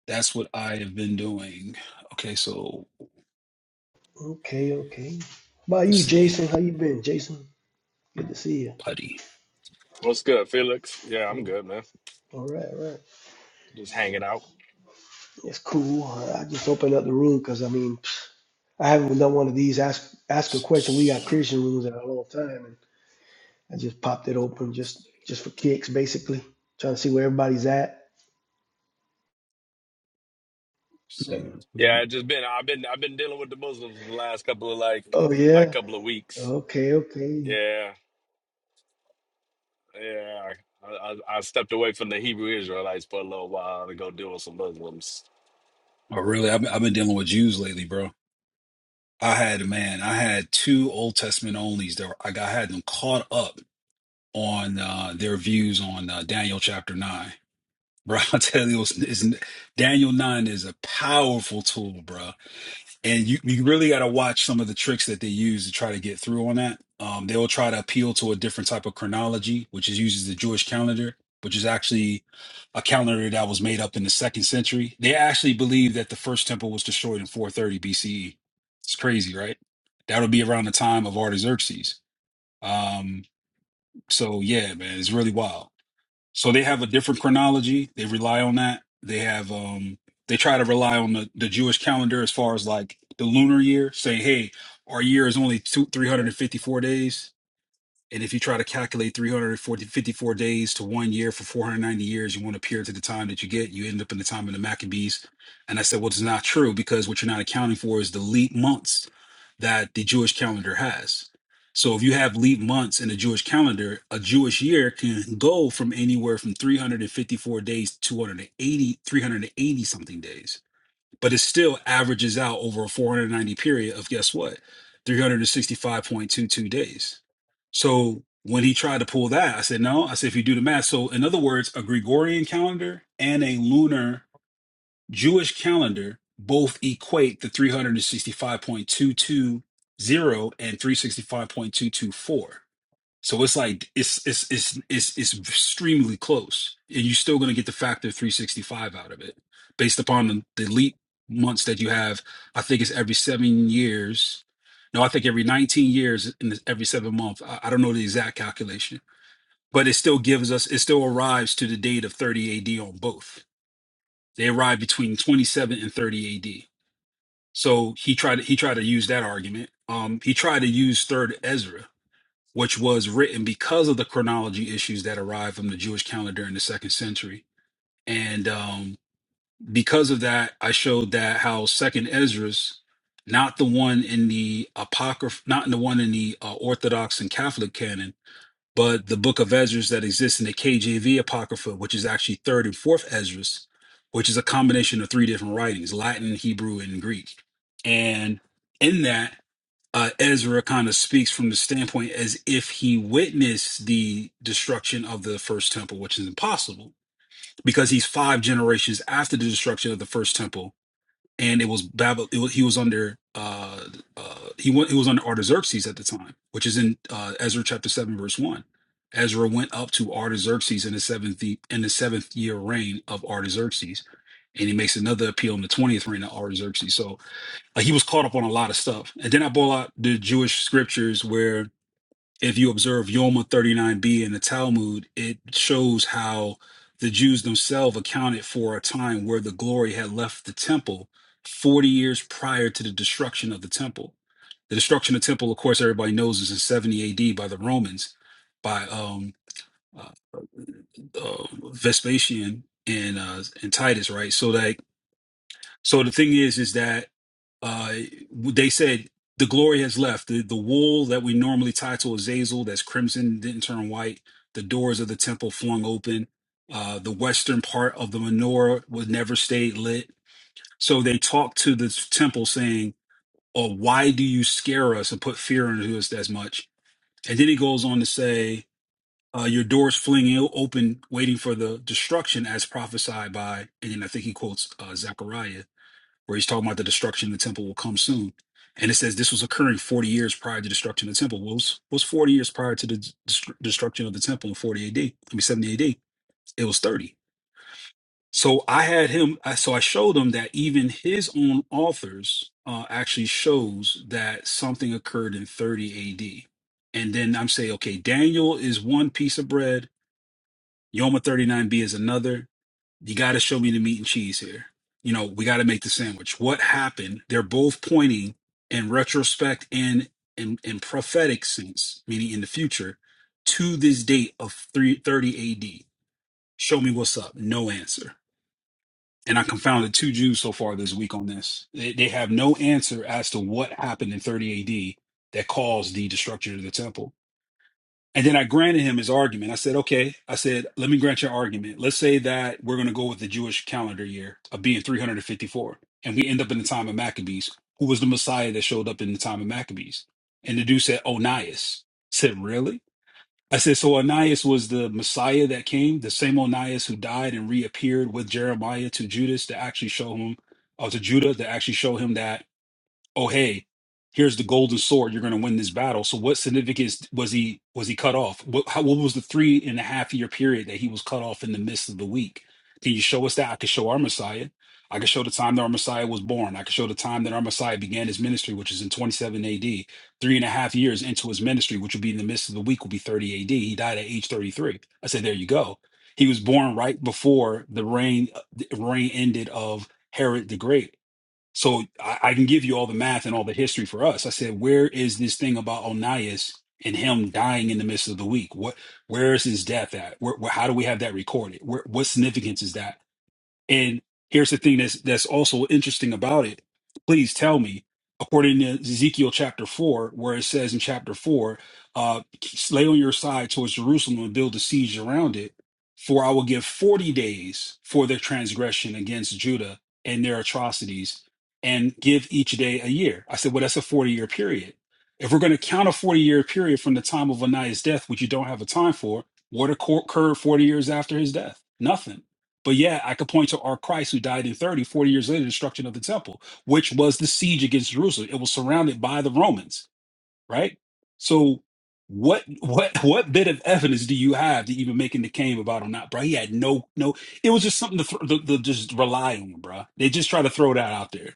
F: That's what I have been doing. Okay, so
A: okay, okay. How about
F: let's
A: you,
F: see.
A: Jason? How you been, Jason? Good to see you.
F: Putty.
G: What's good, Felix? Yeah, I'm
A: Oh,
G: good, man.
A: all right, all right.
G: Just hanging out.
A: It's cool. I just opened up the room because I mean, I haven't done one of these ask ask a question. We got
F: Six.
A: Christian rooms in a long time, and I just popped it open just
F: six,
A: just for kicks, basically, trying to see where everybody's at.
F: see.
G: Yeah, I
F: Oh,
G: just been I've been I've been dealing with the Muslims the last couple of like
A: Oh
G: like
A: yeah,
G: couple of weeks.
A: okay, okay.
G: Yeah, yeah. I, I, I stepped away from the Hebrew Israelites for a little while to go deal with some Muslims.
F: really? I've, been, I've been dealing with Jews lately, bro. I had man, I had two Old Testament onlys that were, I got I had them caught up on uh, their views on uh, Daniel chapter nine, bro. I tell you, it's, it's, Daniel nine is a powerful tool, bro. and you you really got to watch some of the tricks that they use to try to get through on that. Um, they will try to appeal to a different type of chronology, which is uses the Jewish calendar, which is actually a calendar that was made up in the second century. They actually believe that the first temple was destroyed in 430 BCE. It's crazy, right? That'll be around the time of Artaxerxes. Um, so yeah, man, it's really wild. So they have a different chronology. They rely on that. They have um they try to rely on the, the Jewish calendar as far as like the lunar year, saying, hey, our year is only two three hundred and fifty four days. And if you try to calculate 354 days to one year for 490 years, you want to appear to the time that you get, you end up in the time of the Maccabees. And I said, well, it's not true because what you're not accounting for is the leap months that the Jewish calendar has. So if you have leap months in the Jewish calendar, a Jewish year can go from anywhere from 354 days to 280, 380 something days but it still averages out over a 490 period of guess what 365.22 days so when he tried to pull that i said no i said if you do the math so in other words a gregorian calendar and a lunar jewish calendar both equate the 365.220 and 365.224 so it's like it's it's it's it's it's extremely close, and you're still going to get the factor 365 out of it, based upon the, the leap months that you have. I think it's every seven years. No, I think every 19 years and it's every seven month. I, I don't know the exact calculation, but it still gives us. It still arrives to the date of 30 AD on both. They arrive between 27 and 30 AD. So he tried. He tried to use that argument. Um, he tried to use Third Ezra which was written because of the chronology issues that arrived from the Jewish calendar in the second century. And um, because of that, I showed that how Second Esdras, not the one in the apocryph, not in the one in the uh, Orthodox and Catholic canon, but the Book of Esdras that exists in the KJV apocrypha, which is actually Third and Fourth Esdras, which is a combination of three different writings: Latin, Hebrew, and Greek. And in that uh, Ezra kind of speaks from the standpoint as if he witnessed the destruction of the first temple, which is impossible because he's five generations after the destruction of the first temple, and it was Babel. It was, he was under uh, uh, he went he was under Artaxerxes at the time, which is in uh, Ezra chapter seven verse one. Ezra went up to Artaxerxes in the seventh ye- in the seventh year reign of Artaxerxes, and he makes another appeal in the twentieth reign of Artaxerxes. So like he was caught up on a lot of stuff. And then I brought out the Jewish scriptures where if you observe Yoma 39b in the Talmud, it shows how the Jews themselves accounted for a time where the glory had left the temple 40 years prior to the destruction of the temple. The destruction of the temple, of course, everybody knows is in 70 AD by the Romans, by um, uh, uh, uh, Vespasian and uh, and Titus, right? So that so the thing is, is that uh, they said the glory has left. The, the wool that we normally tie to Azazel, that's crimson, didn't turn white. The doors of the temple flung open. Uh, the western part of the menorah was never stayed lit. So they talked to the temple saying, "Oh, why do you scare us and put fear into us as much?" And then he goes on to say, uh, "Your doors fling o- open, waiting for the destruction as prophesied by." And then I think he quotes uh, Zechariah where he's talking about the destruction of the temple will come soon. And it says this was occurring 40 years prior to destruction of the temple. What was, what was 40 years prior to the dest- destruction of the temple in 40 AD? I mean, 70 AD. It was 30. So I had him, I, so I showed him that even his own authors uh, actually shows that something occurred in 30 AD. And then I'm saying, okay, Daniel is one piece of bread, Yoma 39b is another, you got to show me the meat and cheese here. You know, we got to make the sandwich. What happened? They're both pointing in retrospect and in, in prophetic sense, meaning in the future, to this date of 330 AD. Show me what's up. No answer. And I confounded two Jews so far this week on this. They, they have no answer as to what happened in 30 AD that caused the destruction of the temple and then I granted him his argument. I said, okay, I said, let me grant your argument. Let's say that we're going to go with the Jewish calendar year of being 354, and we end up in the time of Maccabees. Who was the Messiah that showed up in the time of Maccabees? And the dude said, Onias. I said, really? I said, so Onias was the Messiah that came, the same Onias who died and reappeared with Jeremiah to Judas to actually show him, or to Judah to actually show him that oh hey here's the golden sword you're going to win this battle so what significance was he was he cut off what, how, what was the three and a half year period that he was cut off in the midst of the week can you show us that i could show our messiah i could show the time that our messiah was born i could show the time that our messiah began his ministry which is in 27 ad three and a half years into his ministry which would be in the midst of the week would be 30 ad he died at age 33 i said there you go he was born right before the reign the reign ended of herod the great so I, I can give you all the math and all the history for us. I said, where is this thing about Onias and him dying in the midst of the week? What, where is his death at? Where, where, how do we have that recorded? Where, what significance is that? And here's the thing that's that's also interesting about it. Please tell me, according to Ezekiel chapter four, where it says in chapter four, uh, lay on your side towards Jerusalem and build a siege around it. For I will give forty days for their transgression against Judah and their atrocities, and give each day a year. I said, well, that's a forty-year period. If we're going to count a forty-year period from the time of Onias' death, which you don't have a time for, what occur- occurred forty years after his death? Nothing. But yeah, I could point to our Christ who died in thirty, forty 40 years later, the destruction of the temple, which was the siege against Jerusalem. It was surrounded by the Romans, right? So what what what bit of evidence do you have to even making the claim about him not, bro? He had no no. It was just something to, th- to, to just rely on, bro. They just try to throw that out there.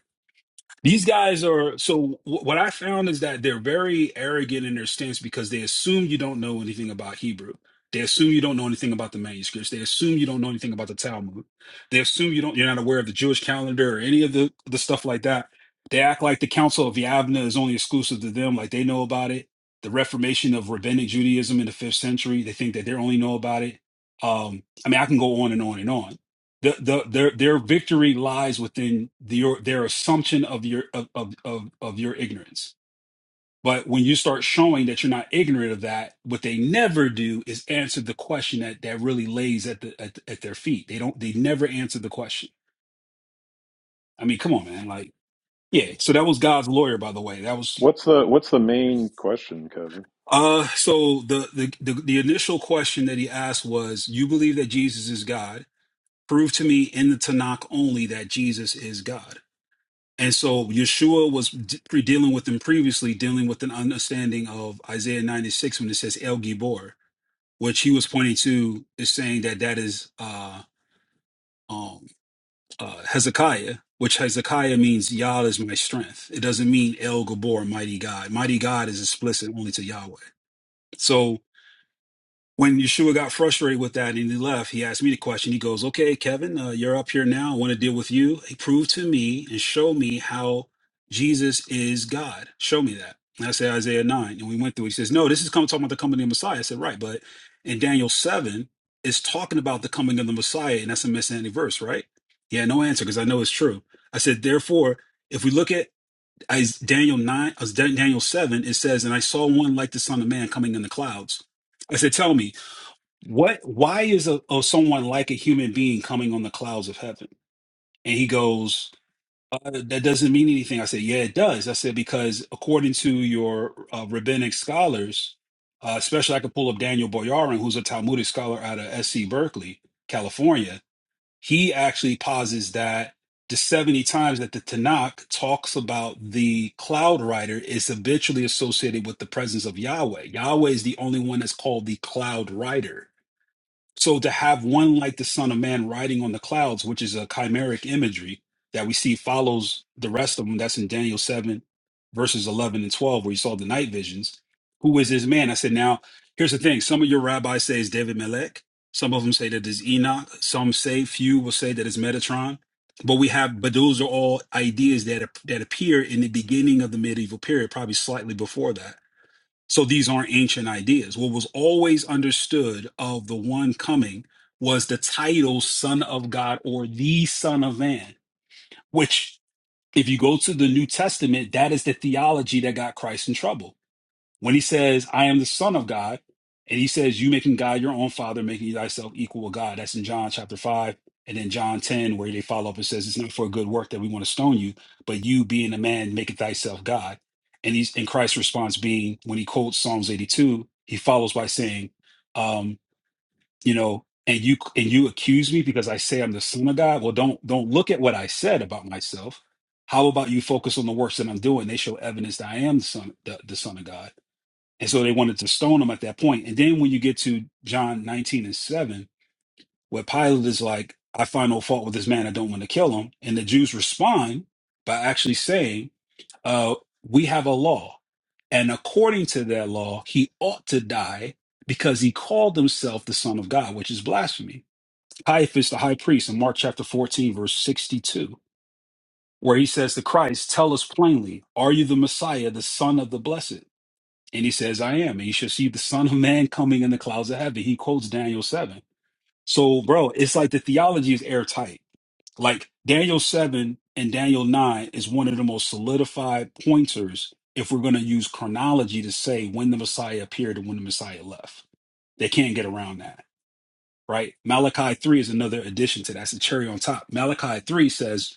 F: These guys are so. wh- What I found is that they're very arrogant in their stance because they assume you don't know anything about Hebrew. They assume you don't know anything about the manuscripts. They assume you don't know anything about the Talmud. They assume you don't. You're not aware of the Jewish calendar or any of the the stuff like that. They act like the Council of Yavna is only exclusive to them. Like they know about it. The Reformation of Rabbinic Judaism in the fifth century. They think that they only know about it. Um, I mean, I can go on and on and on the, the their their victory lies within the, your their assumption of your of, of of of your ignorance. But when you start showing that you're not ignorant of that, what they never do is answer the question that that really lays at the at, at their feet. They don't. They never answer the question. I mean, come on, man. Like, yeah. So that was God's lawyer, by the way. That was.
E: What's the what's the main question, Kevin?
F: Uh, so the, the the the initial question that he asked was, "You believe that Jesus is God? Prove to me in the Tanakh only that Jesus is God." And so Yeshua was d- pre- dealing with them previously, dealing with an understanding of Isaiah 96 when it says El Gibor, which he was pointing to is saying that that is uh, um, uh, Hezekiah, which Hezekiah means Yah is my strength. It doesn't mean El Gabor, mighty God. Mighty God is explicit only to Yahweh. So when Yeshua got frustrated with that and he left, he asked me the question. He goes, Okay, Kevin, uh, you're up here now. I want to deal with you. Prove to me and show me how Jesus is God. Show me that. And I said, Isaiah 9. And we went through it. He says, No, this is come talking about the coming of the Messiah. I said, Right. But in Daniel 7, it's talking about the coming of the Messiah. And that's a messianic verse, right? He had no answer because I know it's true. I said, Therefore, if we look at Is- Daniel 9, uh, Daniel 7, it says, And I saw one like the Son of Man coming in the clouds. I said, Tell me. What? Why is a, a someone like a human being coming on the clouds of heaven? And he goes, uh, that doesn't mean anything. I said, yeah, it does. I said because according to your uh, rabbinic scholars, uh, especially I could pull up Daniel Boyarin, who's a Talmudic scholar out of SC Berkeley, California. He actually posits that the seventy times that the Tanakh talks about the cloud rider is habitually associated with the presence of Yahweh. Yahweh is the only one that's called the cloud rider so to have one like the Son of Man riding on the clouds, which is a chimeric imagery that we see follows the rest of them, that's in Daniel 7, verses 11 and 12, where you saw the night visions. Who is this man? I said, now, here's the thing. Some of your rabbis say it's David Melech. Some of them say that it's Enoch. Some say, few will say that it's Metatron. But we have, but those are all ideas that, that appear in the beginning of the medieval period, probably slightly before that so these aren't ancient ideas. What was always understood of the one coming was the title Son of God or the Son of Man, which, if you go to the New Testament, that is the theology that got Christ in trouble when he says, I am the Son of God, and he says, You making God your own father, making thyself equal with God. That's in John chapter 5. And then John 10, where they follow up and says, It's not for a good work that we want to stone you, but you being a man, maketh thyself God. And he's in Christ's response being when he quotes Psalms 82, he follows by saying, um, you know, and you and you accuse me because I say I'm the son of God. Well, don't don't look at what I said about myself. How about you focus on the works that I'm doing? They show evidence that I am the son, the, the son of God. And so they wanted to stone him at that point. And then when you get to John 19 and 7, where Pilate is like, I find no fault with this man. I don't want to kill him. And the Jews respond by actually saying, uh, We have a law. And according to that law, he ought to die because he called himself the Son of God, which is blasphemy. Caiaphas, the high priest, in Mark chapter 14, verse 62, where he says to Christ, Tell us plainly, are you the Messiah, the Son of the Blessed? And he says, I am. And you shall see the Son of Man coming in the clouds of heaven. He quotes Daniel 7. So, bro, it's like the theology is airtight. Like Daniel 7 and Daniel 9 is one of the most solidified pointers if we're going to use chronology to say when the Messiah appeared and when the Messiah left. They can't get around that, right? Malachi 3 is another addition to that. It's a cherry on top. Malachi 3 says,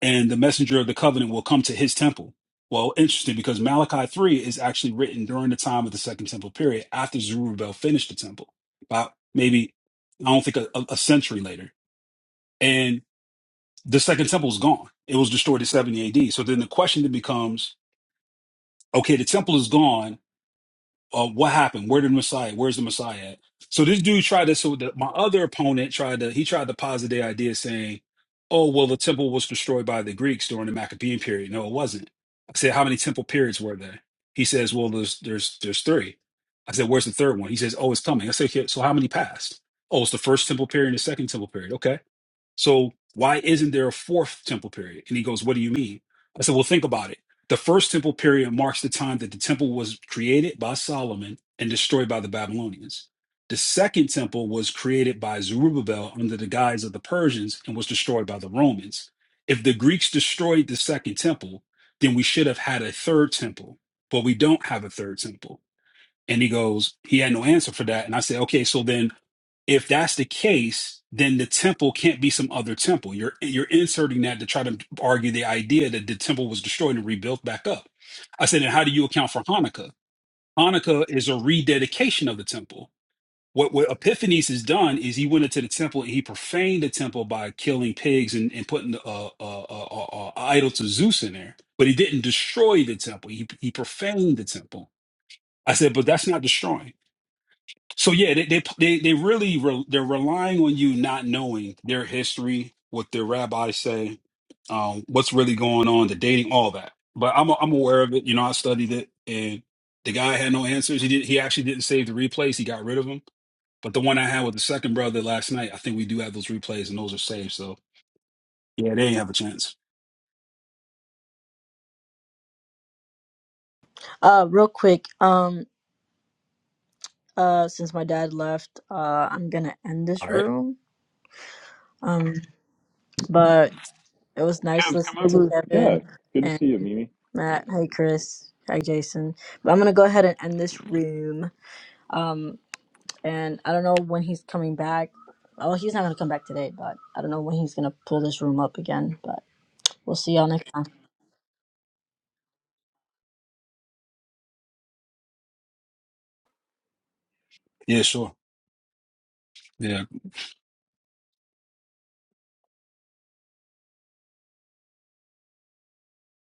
F: and the messenger of the covenant will come to his temple. Well, interesting because Malachi 3 is actually written during the time of the second temple period after Zerubbabel finished the temple, about maybe, I don't think, a, a a century later. And the second temple is gone. It was destroyed in 70 AD. So then the question then becomes okay, the temple is gone uh, what happened? Where did Messiah? Where's the Messiah at? So this dude tried to. So the, my other opponent tried to. He tried to posit the idea, saying, "Oh, well, the temple was destroyed by the Greeks during the Maccabean period." No, it wasn't. I said, "How many temple periods were there?" He says, "Well, there's there's there's three." I said, "Where's the third one?" He says, "Oh, it's coming." I said, okay, "So how many passed?" Oh, it's the first temple period and the second temple period. Okay. So why isn't there a fourth temple period? And he goes, What do you mean? I said, Well, think about it. The first temple period marks the time that the temple was created by Solomon and destroyed by the Babylonians. The second temple was created by Zerubbabel under the guise of the Persians and was destroyed by the Romans. If the Greeks destroyed the second temple, then we should have had a third temple, but we don't have a third temple. And he goes, he had no answer for that. And I said, okay, so then if that's the case, then the temple can't be some other temple. You're you're inserting that to try to argue the idea that the temple was destroyed and rebuilt back up. I said, and how do you account for Hanukkah? Hanukkah is a rededication of the temple. What, what Epiphanes has done is he went into the temple and he profaned the temple by killing pigs and, and putting a, a, a, a, a idol to Zeus in there. But he didn't destroy the temple. He, he profaned the temple. I said, but that's not destroying so yeah, they they they, they really re, they're relying on you not knowing their history, what their rabbis say, um, what's really going on, the dating, all that. But I'm I'm aware of it. You know, I studied it, and the guy had no answers. He did. He actually didn't save the replays. He got rid of them. But the one I had with the second brother last night, I think we do have those replays, and those are saved. So yeah, they ain't have a chance.
B: Uh, real quick, um, uh, since my dad left, uh, I'm gonna end
F: All
B: this
F: right.
B: room. Um, but it was nice
E: Kev, come
B: listening to
E: over. Yeah,
B: Kevin
E: good to
B: and
E: see you, Mimi.
B: Matt. Hey, Chris. Hi, Jason. But I'm gonna go ahead and end this room. Um, and I don't know when he's coming back. Oh, he's not gonna come back today, but I don't know when he's gonna pull this room up again. But we'll see y'all next time.
F: Yeah, sure. Yeah.